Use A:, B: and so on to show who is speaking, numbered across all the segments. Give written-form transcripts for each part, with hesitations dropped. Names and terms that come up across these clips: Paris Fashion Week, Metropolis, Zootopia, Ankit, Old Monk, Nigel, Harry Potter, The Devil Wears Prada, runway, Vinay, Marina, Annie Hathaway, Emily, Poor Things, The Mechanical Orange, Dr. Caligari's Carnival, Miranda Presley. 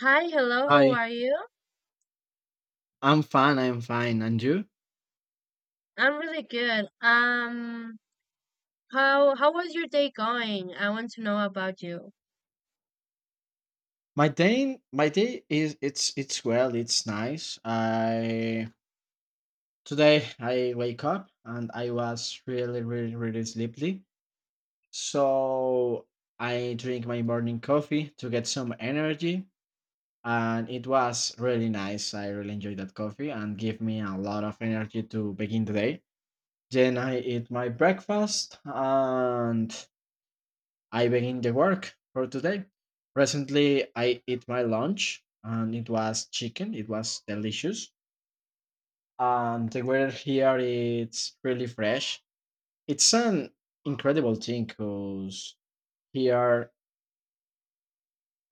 A: Hi, hello, how
B: Hi,
A: are you?
B: I'm fine. I'm fine. And you?
A: I'm really good. How was your day going? I want to know about you.
B: My day is it's well, it's nice. I today I wake up and I was really really really sleepy. So I drink my morning coffee to get some energy, and it was really nice. I really enjoyed that coffee and gave me a lot of energy to begin the day. Then I eat my breakfast and I begin the work for today. Recently, I eat my lunch and it was chicken. It was delicious. And the weather here it's really fresh. It's an incredible thing because here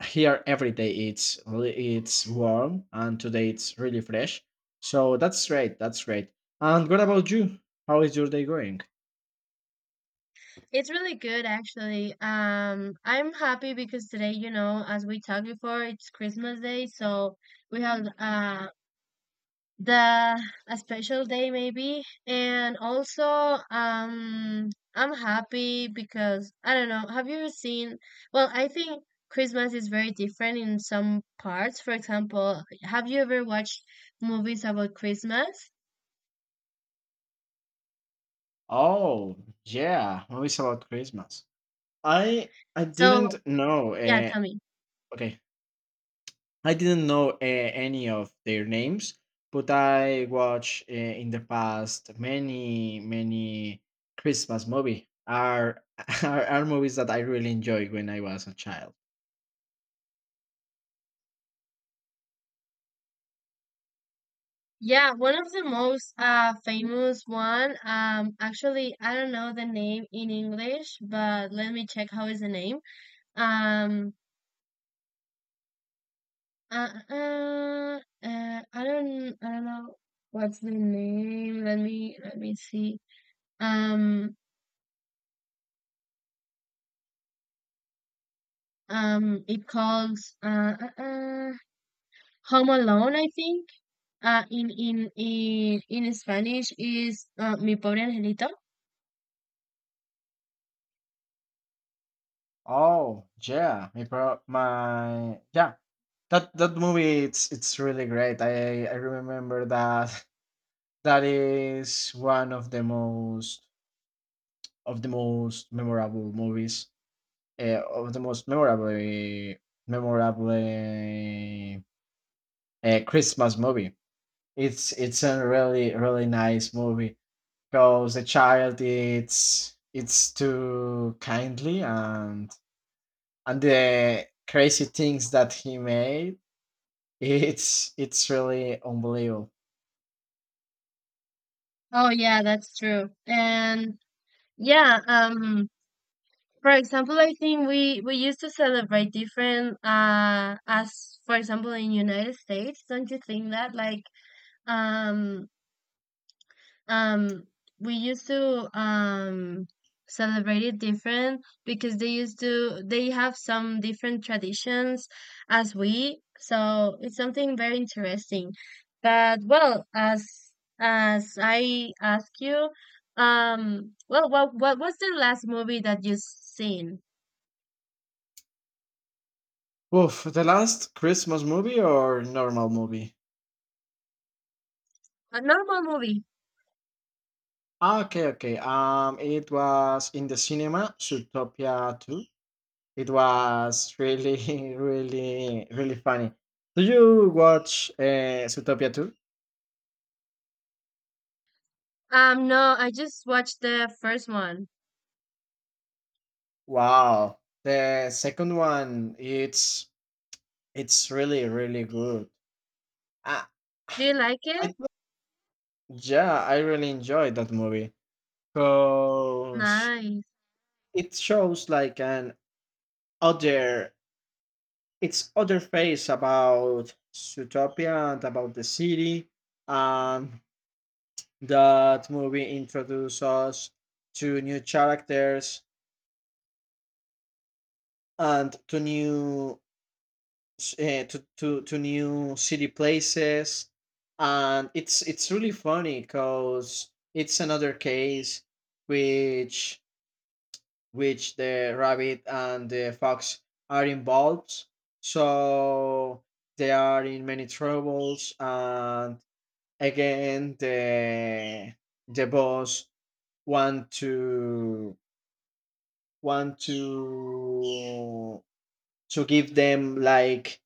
B: here every day it's warm and today it's really fresh. So that's great. That's great. And what about you? How is your day going?
A: It's really good actually. I'm happy because today, you know, as we talked before, it's Christmas Day, so we have the a special day maybe, and also I'm happy because I don't know, have you seen, well, I think Christmas is very different in some parts. For example, have you ever watched movies about Christmas?
B: Oh yeah, movies about Christmas. I
A: So
B: didn't know.
A: yeah,
B: Uh,
A: tell me.
B: okay, I didn't know any of their names, but I watched in the past many Christmas are movies that I really enjoyed when I was a child.
A: Yeah, one of the most famous one actually I don't know the name in English, but let me check how is the name. Um Uh, uh, uh, I don't, I don't know what's the name. Let me see. Um, it calls Home Alone, I think. In Spanish is Mi Pobre Angelito.
B: Oh yeah, my pro- my yeah that movie it's really great. I remember that. That is one of the most memorable movies of the most memorable memorable a Christmas movie. It's a really really nice movie because the child it's too kindly and the crazy things that he made it's really unbelievable.
A: Oh yeah, that's true. And yeah, for example, I think we used to celebrate different, as for example in United States. Don't you think that like um Um, we used to celebrate it different because they used to they have some different traditions as we, so it's something very interesting. But well, as I ask you, well, what was the last movie that you seen?
B: Oof, the last Christmas movie or normal movie?
A: A normal movie.
B: Okay, okay. It was in the cinema, Zootopia 2. It was really, really, really funny. Do you watch Zootopia 2?
A: No, I just watched the first one.
B: Wow, the second one, it's really really good. I,
A: Do you like
B: I
A: it?
B: thought- yeah, I really enjoyed that movie because
A: Nice.
B: it shows like other, it's other face about Zootopia and about the city, and that movie introduces us to new characters and Uh, to new city places, and it's really funny because it's another case which which the rabbit and the fox are involved, so they are in many troubles, and again the boss want to want to give them like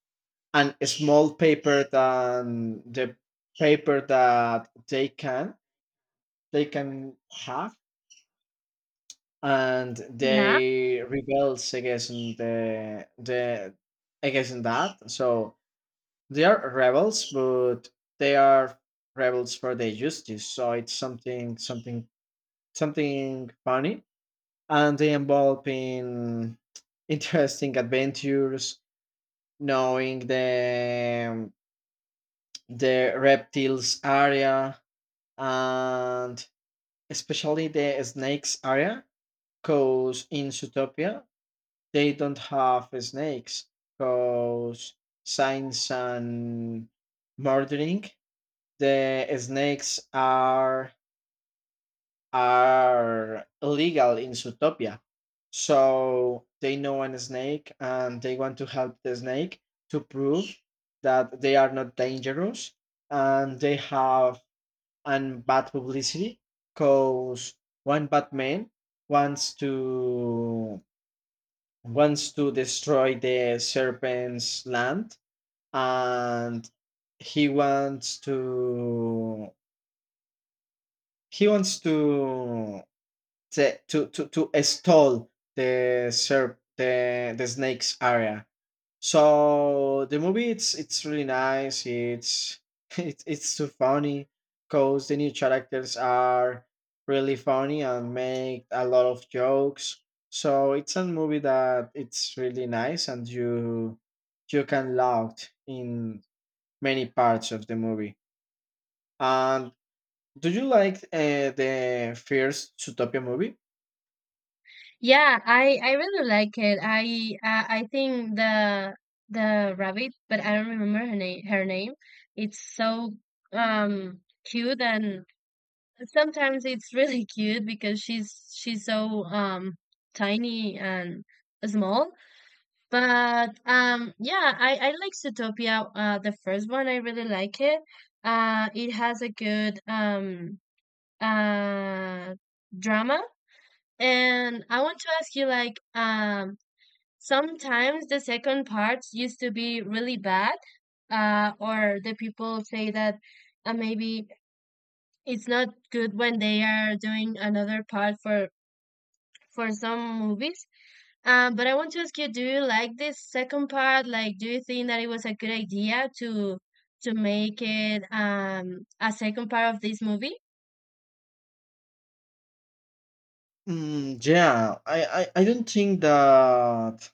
B: and a small paper than the paper that they can have, and
A: Yeah.
B: they rebels against the against that, so they are rebels, but they are rebels for the justice, so it's something funny, and they involve in interesting adventures, knowing the reptiles area, and especially the snakes area, because in Zootopia they don't have snakes because science and murdering the snakes are illegal in Zootopia, so they know an snake and they want to help the snake to prove that they are not dangerous, and they have and bad publicity because one bad man wants to wants to destroy the serpent's land, and he wants to he wants to stall the snake's area. So the movie it's really nice. It's it's too funny because the new characters are really funny and make a lot of jokes. So it's a movie that it's really nice and you can laugh in many parts of the movie. And do you like the first Zootopia movie?
A: Yeah, I really like it. I think the rabbit, but I don't remember her name. It's so cute, and sometimes it's really cute because she's so tiny and small. But yeah, I like Zootopia. The first one I really like it. It has a good uh drama, and I want to ask you like sometimes the second parts used to be really bad, or the people say that maybe it's not good when they are doing another part for some movies. But I want to ask you, do you like this second part? Like, do you think that it was a good idea to make it a second part of this movie?
B: Mm, yeah, I don't think that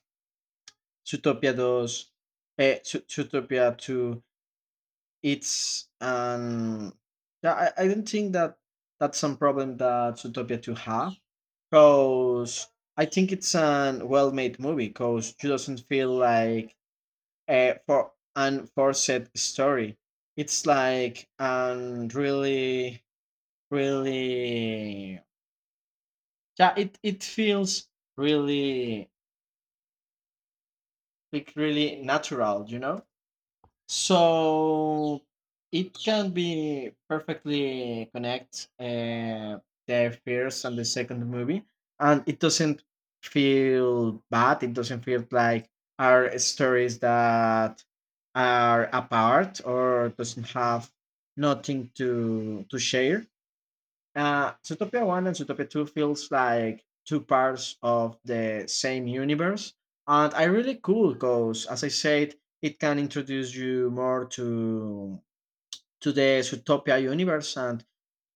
B: Zootopia 2, eh, Zoo Zootopia 2, it's um, yeah, I don't think that that's some problem that Zootopia 2 have, because I think it's an well-made movie, because it doesn't feel like a for an forced story. It's like an really, really, yeah, it feels really, like really natural, you know? So it can be perfectly connect the first and the second movie, and it doesn't feel bad. It doesn't feel like are stories that are apart or doesn't have nothing to share. Uh, Zootopia 1 and Zootopia 2 feels like two parts of the same universe. And I really cool because, as I said, it can introduce you more to the Zootopia universe, and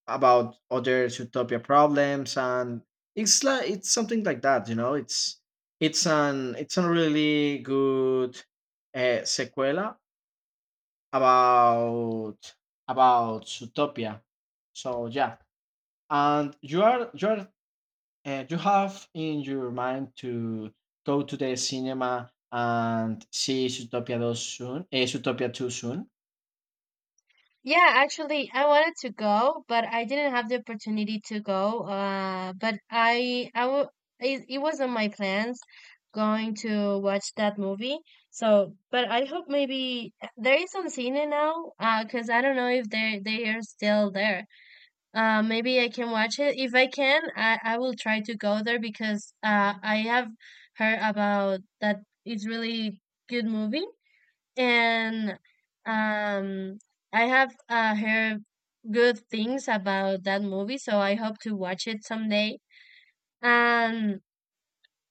B: about other Zootopia problems. And it's like it's something like that. It's a really good sequela about about Zootopia. So yeah, and you have in your mind to go to the cinema and see Zootopia 2 soon, Zootopia 2 soon.
A: Yeah, actually, I wanted to go, but I didn't have the opportunity to go. But I w it, it was on my plans going to watch that movie. So, but I hope maybe there is on Cine now, 'cause I don't know if they are still there. Maybe I can watch it. If I can, I will try to go there because I have heard about that it's really good movie, and um, I have heard good things about that movie, so I hope to watch it someday. And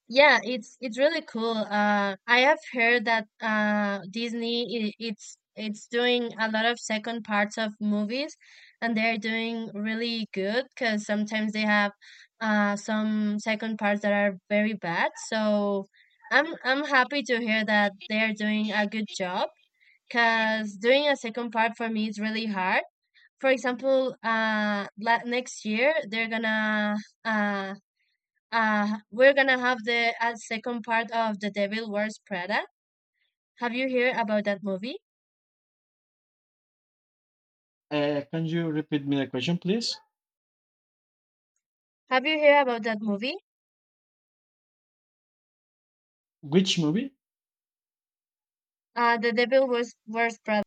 A: yeah, it's really cool. I have heard that Disney I it's doing a lot of second parts of movies, and they're doing really good because sometimes they have some second parts that are very bad. So I'm happy to hear that they're doing a good job, because doing a second part for me is really hard. For example, next year they're gonna uh, we're gonna have the second part of The Devil Wears Prada. Have you heard about that movie?
B: Can you repeat me the question, please?
A: Have you heard about that movie?
B: Which movie?
A: The Devil Wears Prada.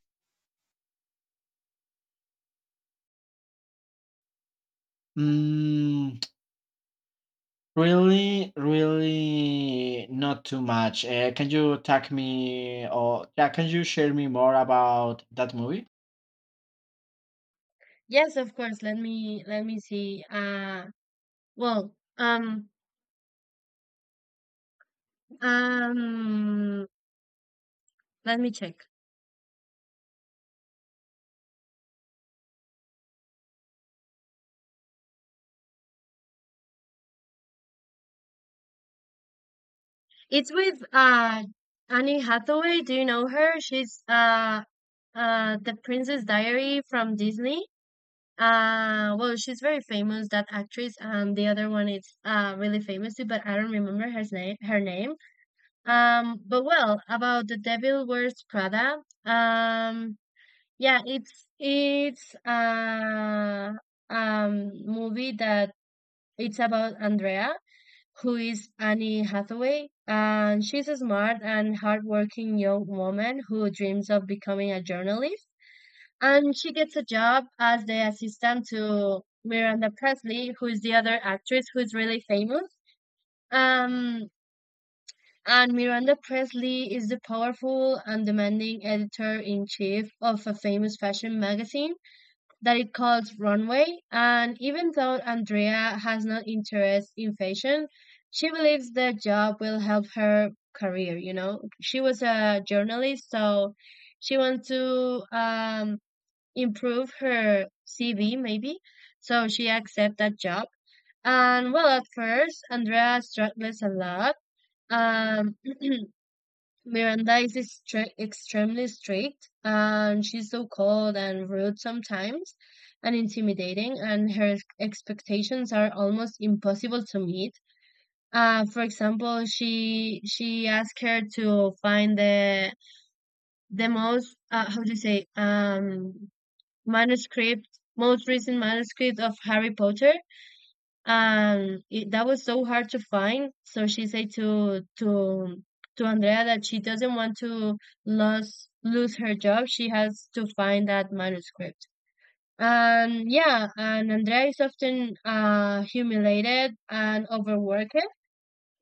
B: Mm, really, really not too much. Can you tag me, or yeah, can you share me more about that movie?
A: Yes, of course. Let me see. Well, um, um, let me check. It's with Annie Hathaway. Do you know her? She's the Princess Diary from Disney. Well, she's very famous that actress, and the other one is really famous too, but I don't remember her name. But well, about The Devil Wears Prada. Yeah, it's movie that it's about Andrea, who is Annie Hathaway. And she's a smart and hardworking young woman who dreams of becoming a journalist. And she gets a job as the assistant to Miranda Presley, who is the other actress who's really famous. Um, and Miranda Presley is the powerful and demanding editor in chief of a famous fashion magazine that it calls runway. And even though Andrea has no interest in fashion, she believes the job will help her career. You know, she was a journalist, so she wants to improve her CV, maybe. So she accepts that job. And well, at first, Andrea struggles a lot. Um, Miranda is extremely strict, and she's so cold and rude sometimes, and intimidating, and her expectations are almost impossible to meet. For example, she asked her to find the most how do you say, manuscript, most recent manuscript of Harry Potter, and that was so hard to find. So she said to Andrea that she doesn't want to lose her job. She has to find that manuscript. And yeah, and Andrea is often humiliated and overworked,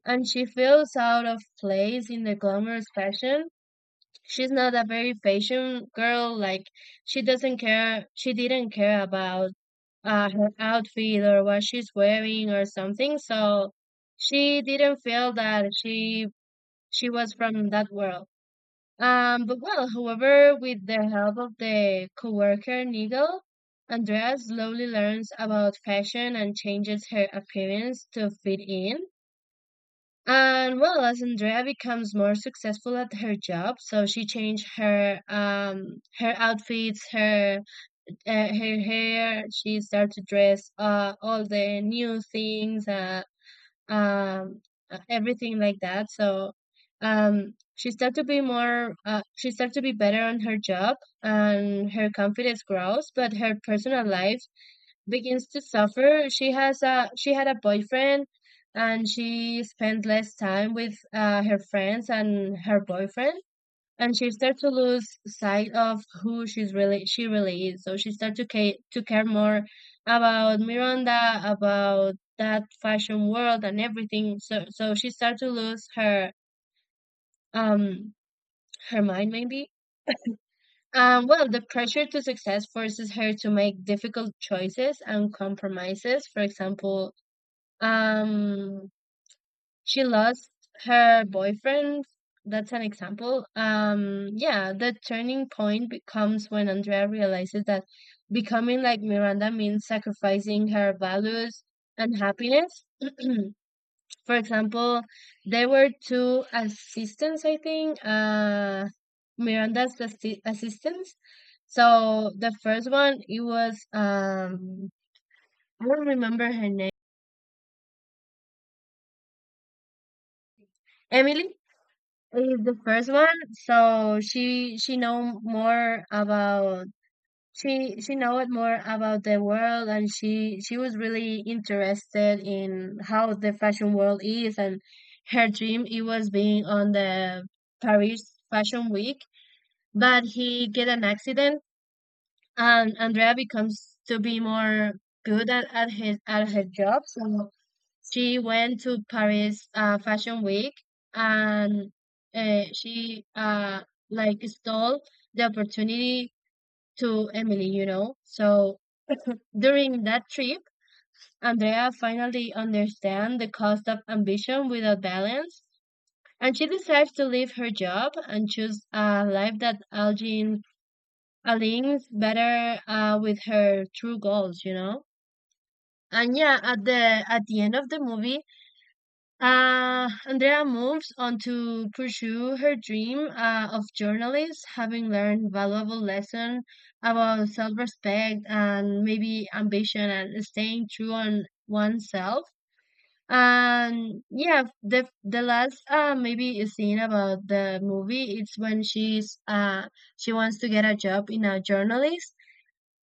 A: and she feels out of place in the glamorous fashion. She's not a very fashion girl. Like, she doesn't care. She didn't care about her outfit or what she's wearing or something. So she didn't feel that she was from that world. But well, however, with the help of the coworker Nigel, Andrea slowly learns about fashion and changes her appearance to fit in. And well, as Andrea becomes more successful at her job, so she changed her her outfits, her her hair. She started to dress all the new things, um, everything like that. So she started to be she started to be better on her job, and her confidence grows, but her personal life begins to suffer. She had a boyfriend, and she spent less time with her friends and her boyfriend, and she starts to lose sight of who she really is. So she starts to care more about Miranda, about that fashion world and everything. So she starts to lose her um her mind maybe. Well, the pressure to success forces her to make difficult choices and compromises. For example, um, she lost her boyfriend. That's an example. Yeah, the turning comes when Andrea realizes that becoming like Miranda means sacrificing her values and happiness. For example, there were two assistants, I think, Miranda's assistants. So the first one, it was, I don't remember her name, Emily. Is the first one, so she know more about, she know it more about the world, and she was really interested in how the fashion world is, and her dream it was being on the Paris Fashion Week, but he get an accident, and Andrea becomes to be more good at his at her job. So she went to Paris Fashion Week, and she like stole the opportunity to Emily, you know. So during that trip, Andrea finally understands the cost of ambition without balance, and she decides to leave her job and choose a life that Algin aligns better with her true goals, you know. And yeah, at the end of the movie, Andrea moves on to pursue her dream of journalist, having learned valuable lesson about self-respect and maybe ambition and staying true on oneself. And yeah, the last maybe scene about the movie it's when she's she wants to get a job in a journalist,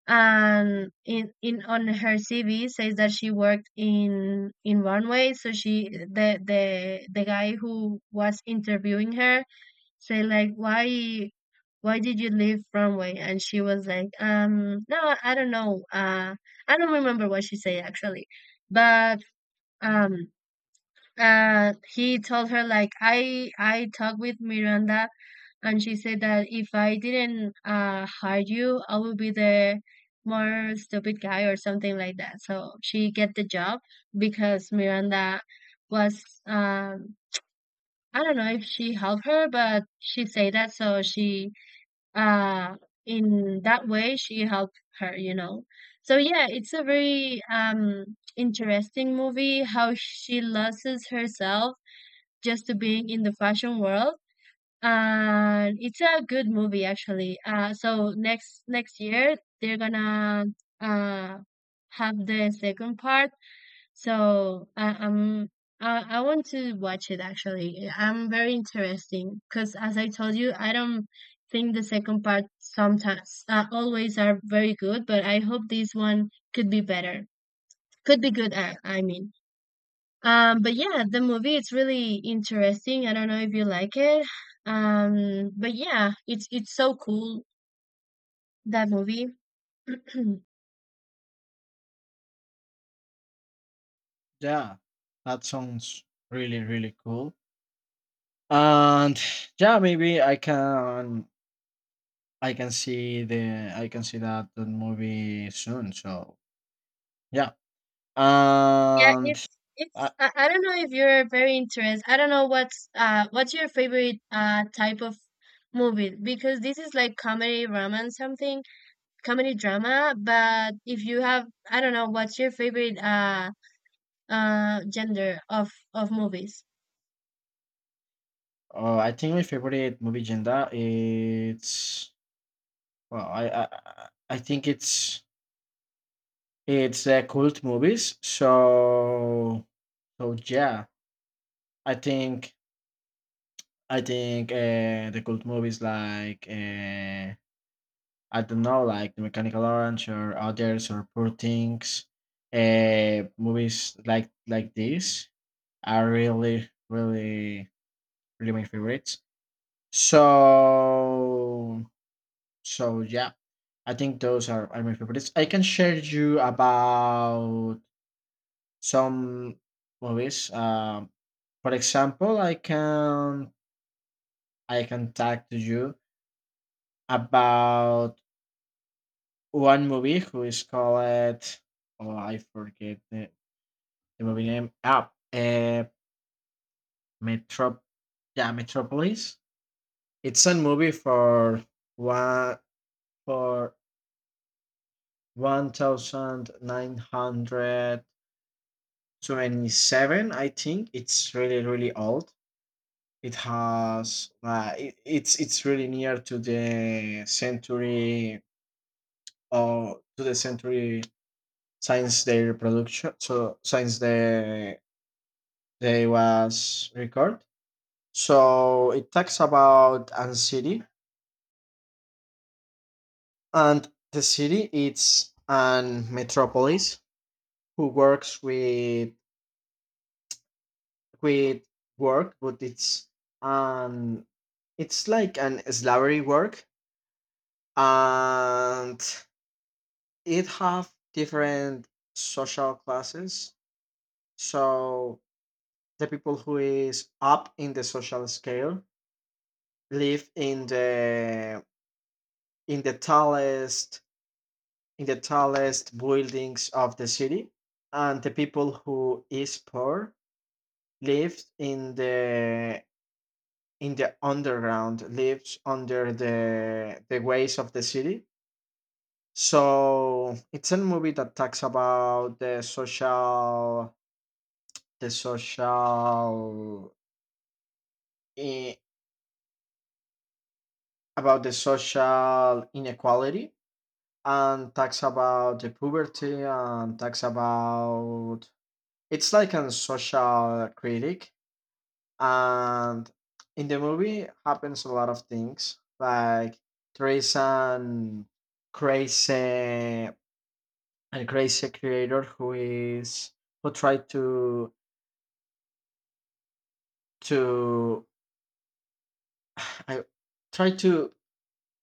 A: and in on her CV says that she worked in runway. So she the guy who was interviewing her said like, why did you leave runway? And she was like, no, I don't know. I don't remember what she said actually, but um. He told her like, I talked with Miranda, and she said that if I didn't hire you, I would be the more stupid guy or something like that. So she get the job because Miranda was I don't know if she helped her, but she said that, so she uh, in that way she helped her, you know. So yeah, it's a very interesting movie how she loses herself just to being in the fashion world, and it's a good movie actually. So next year they're gonna uh have the second part. So I want to watch it actually. I'm very interesting because as I told you, I don't think the second part sometimes always are very good, but I hope this one could be better. Could be good. I mean. But yeah, the movie it's really interesting. I don't know if you like it. But yeah, it's so cool that movie.
B: Yeah, that sounds really, really cool. And yeah, maybe I can see that movie soon. So yeah,
A: Yeah,
B: and I,
A: it's I don't know if you're very interested. I don't know what's your favorite type of movie, because this is like comedy romance something, comedy drama, but if you have, I don't know what's your favorite gender of movies.
B: I think my favorite movie genre it's, well, I think it's cult movies. So yeah, I think I think the cult movies like I don't know, like The Mechanical Orange or others or Poor Things, movies like this are really, really, really my favorites. So, so, yeah, I think those are my favorites. I can share you about some movies. For example, I can talk to you about one movie who is called, oh, I forget the movie name. Metro, yeah, Metropolis. It's a movie for one for 1927. I think it's really really old. It has, it's really near to the century, or to the century since their production, so since they was record. So it talks about an city, and the city it's an metropolis who works with quit work, but um it's like an slavery work, and it have different social classes. So the people who is up in the social scale live in the tallest in the tallest buildings of the city, and the people who is poor live in the underground, lives under the ways of the city. So it's a movie that talks about the social, eh, about the social inequality, and talks about the poverty, and talks about it's like a social critic, and in the movie happens a lot of things like there is an crazy a crazy creator who tried to I tried to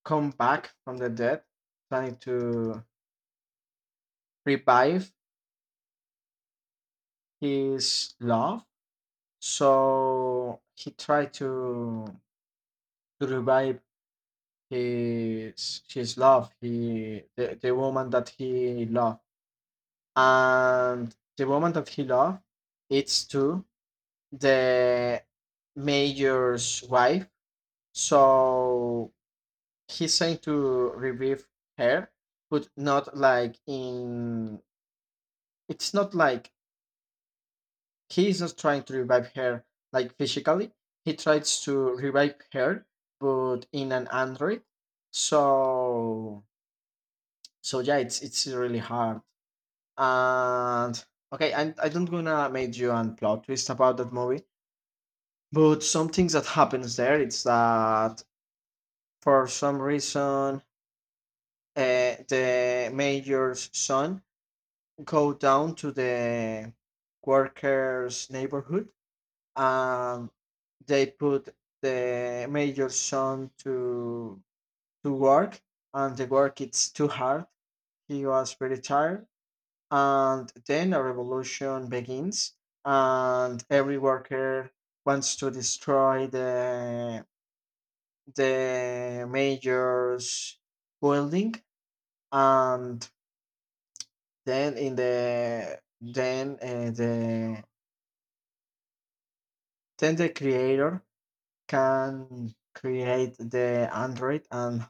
B: come back from the dead, trying to revive his love. So he tried to revive his love, the woman that he loved, and the woman that he loved it's to the major's wife. So he's saying to revive her, but not like in it's not like he's not trying to revive her like physically. He tries to revive her, but in an android. So so yeah, it's really hard. And okay, I don't gonna make you an plot twist about that movie. But some things that happens there it's that, for some reason, the mayor's son go down to the workers' neighborhood, and they put the mayor's son to work, and the work it's too hard. He was very tired, and then a revolution begins, and every worker wants to destroy the major's building, and then in the then uh, the then the creator can create the android, and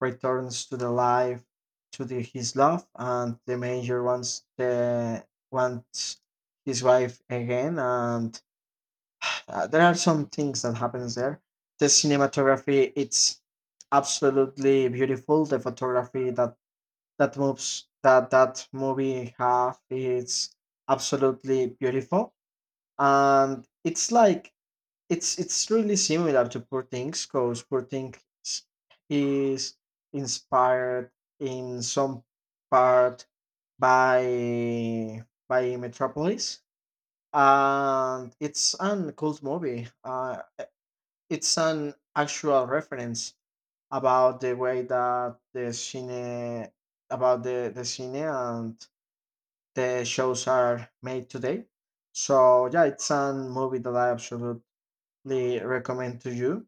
B: returns to the life, to his love, and the major wants his wife again. And there are some things that happens there. The cinematography, it's absolutely beautiful. The photography that that moves that that movie have is absolutely beautiful. And it's like it's really similar to poor things, because poor things is inspired in some part by by metropolis. And it's an cult movie. Uh, it's an actual reference about the way that the cine and the shows are made today. So yeah, it's a movie that I absolutely recommend to you,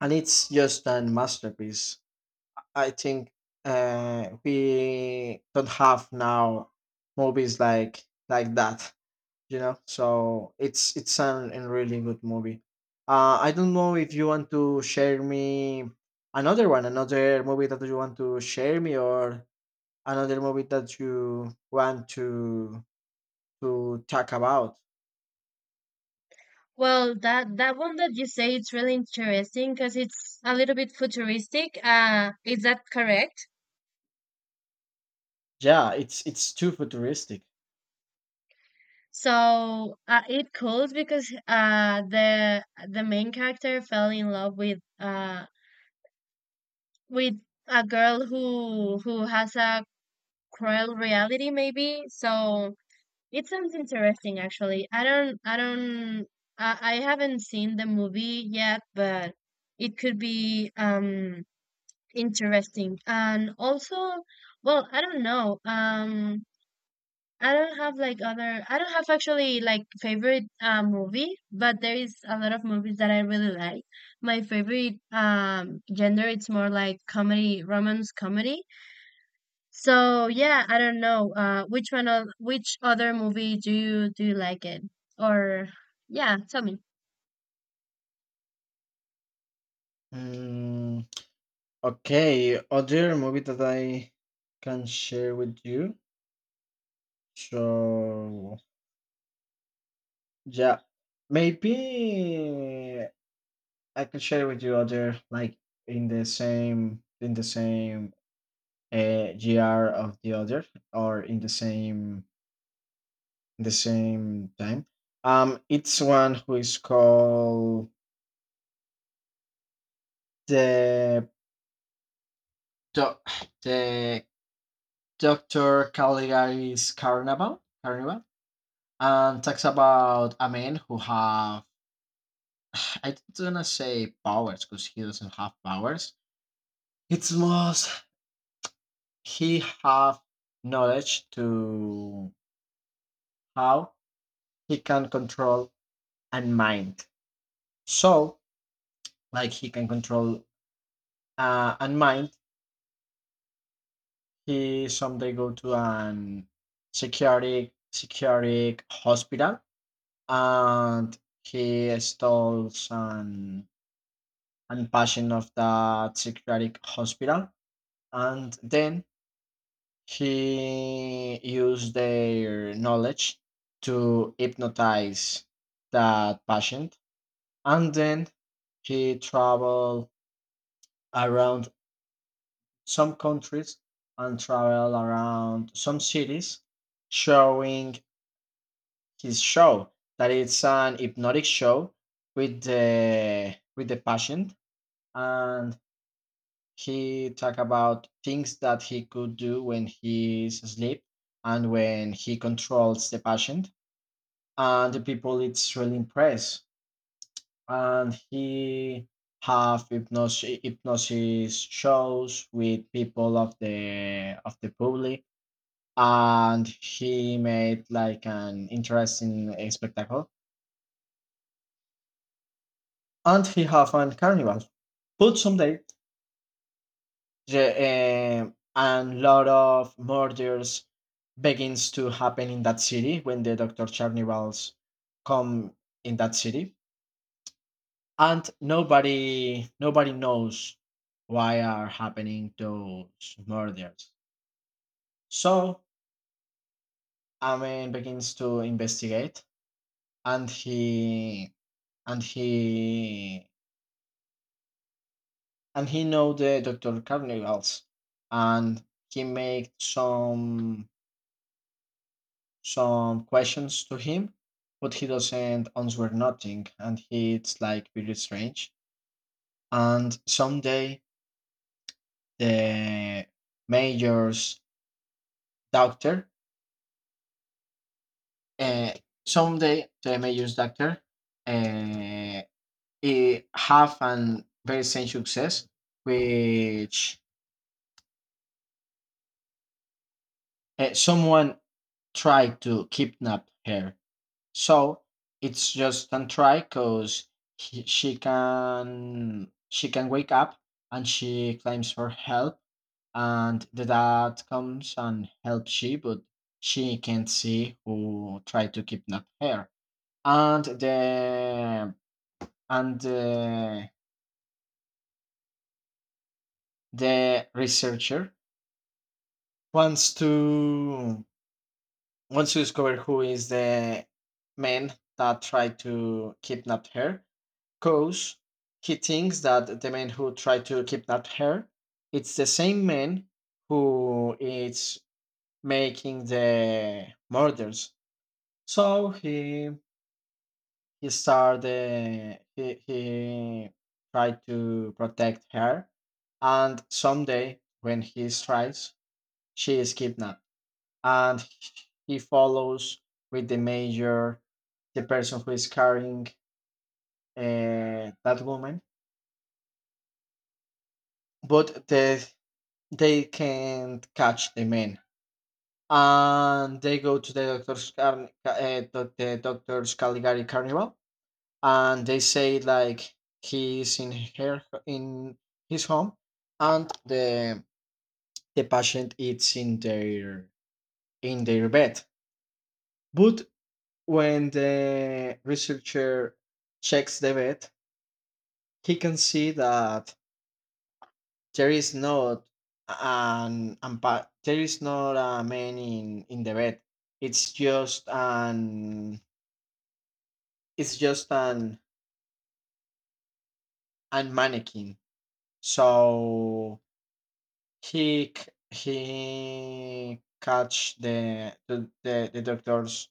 B: and it's just a masterpiece. I think we don't have now movies like that. So it's a really good movie. I don't know if you want to share me another one, another movie that you want to share me, or another movie that you want to talk about.
A: Well, that that one that you say it's really interesting because it's a little bit futuristic. Is that correct?
B: Yeah, it's too futuristic.
A: So it calls because the main character fell in love with a girl who has a cruel reality maybe. So it sounds interesting actually. I don't I don't I haven't seen the movie yet, but it could be interesting. And also, well, I don't know. I don't have actually like favorite movie, but there is a lot of movies that I really like. My favorite gender, it's more like comedy, romance comedy. So yeah, I don't know. Which one of which other movie do you like it? Or yeah, tell me.
B: Mm, okay, other movie that I can share with you. So yeah, maybe I can share with you other, like, in the same gr of the other, or in the same time. It's one who is called the the, the Dr. Caligari's Carnival, and talks about a man who have I don't wanna say powers because he doesn't have powers. It's most he have knowledge to how he can control and mind. So, like, he can control and mind. He someday go to an security hospital, and he stole some and patient of the psychiatric hospital. And then he used their knowledge to hypnotize that patient. And then he traveled around some countries, and traveled around some cities, showing his show that it's an hypnotic show with the patient. And he talked about things that he could do when he's asleep, and when he controls the patient. And the people it's really impressed. And he have hypnosis shows with people of the public, and he made like an interesting spectacle, and he have a carnival. But someday, yeah, and lot of murders begins to happen in that city when the Doctor Charnivals come in that city, and nobody knows why are happening those murders. So Amen begins to investigate, and he and he and he know the Doctor Carnivals, and he make some questions to him, but he doesn't answer nothing, and it's like very strange. And the mayor's doctor, uh, someday the mayor's doctor, uh, he have an very strange success, which someone tried to kidnap her. So it's just a try because she can wake up, and she claims for help, and the dad comes and helps she, but she can't see who tried to kidnap her, and and the, the researcher wants to wants to discover who is the man that tried to kidnap her. Cause he thinks that the man who tried to kidnap her, it's the same man who is making the murders. So he started he tried to protect her, and someday when he tries, she is kidnapped, and he follows with the major, the person who is carrying that woman. But they can't catch the men, and they go to the doctor's caligari carnival, and they say like he's in his home, and the patient is in their bed, but when the researcher checks the bed, he can see that there is not an, ampa there is not a man in the bed. It's just an it's just an mannequin. So he catch the the, the, the doctor's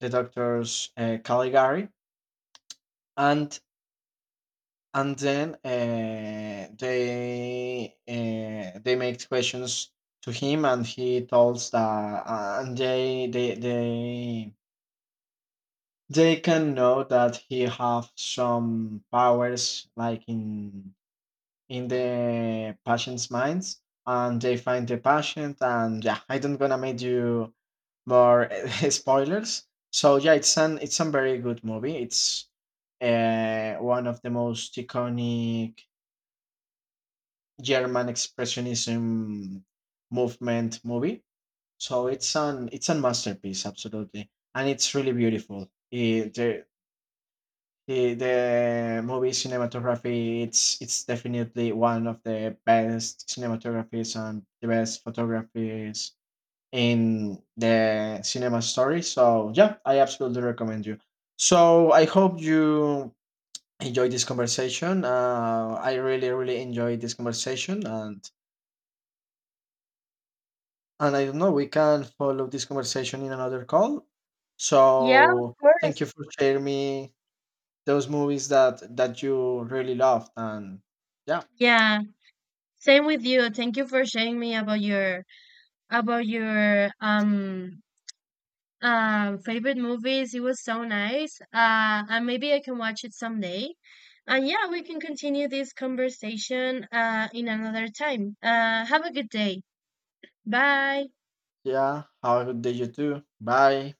B: the doctor's Caligari, and and then they make questions to him, and he tells that and they can know that he have some powers like in the patient's minds, and they find the patient. And yeah, I don't gonna make you more spoilers. So yeah, it's a very good movie. It's one of the most iconic German expressionism movement movie. So it's a masterpiece absolutely, and it's really beautiful. It, The the movie cinematography, it's definitely one of the best cinematographies and the best photographies in the cinema story. So yeah, I absolutely recommend you. So I hope you enjoyed this conversation. I really really enjoyed this conversation, and I don't know we can follow this conversation in another call.
A: Yeah, of
B: So thank you
A: course.
B: for sharing me those movies that you really loved. And yeah,
A: Yeah, same with you. Thank you for sharing me about your about your um favorite movies. It was so nice. And maybe I can watch it someday. And yeah, we can continue this conversation in another time. Have a good day. Bye.
B: yeah, how did you do? Bye.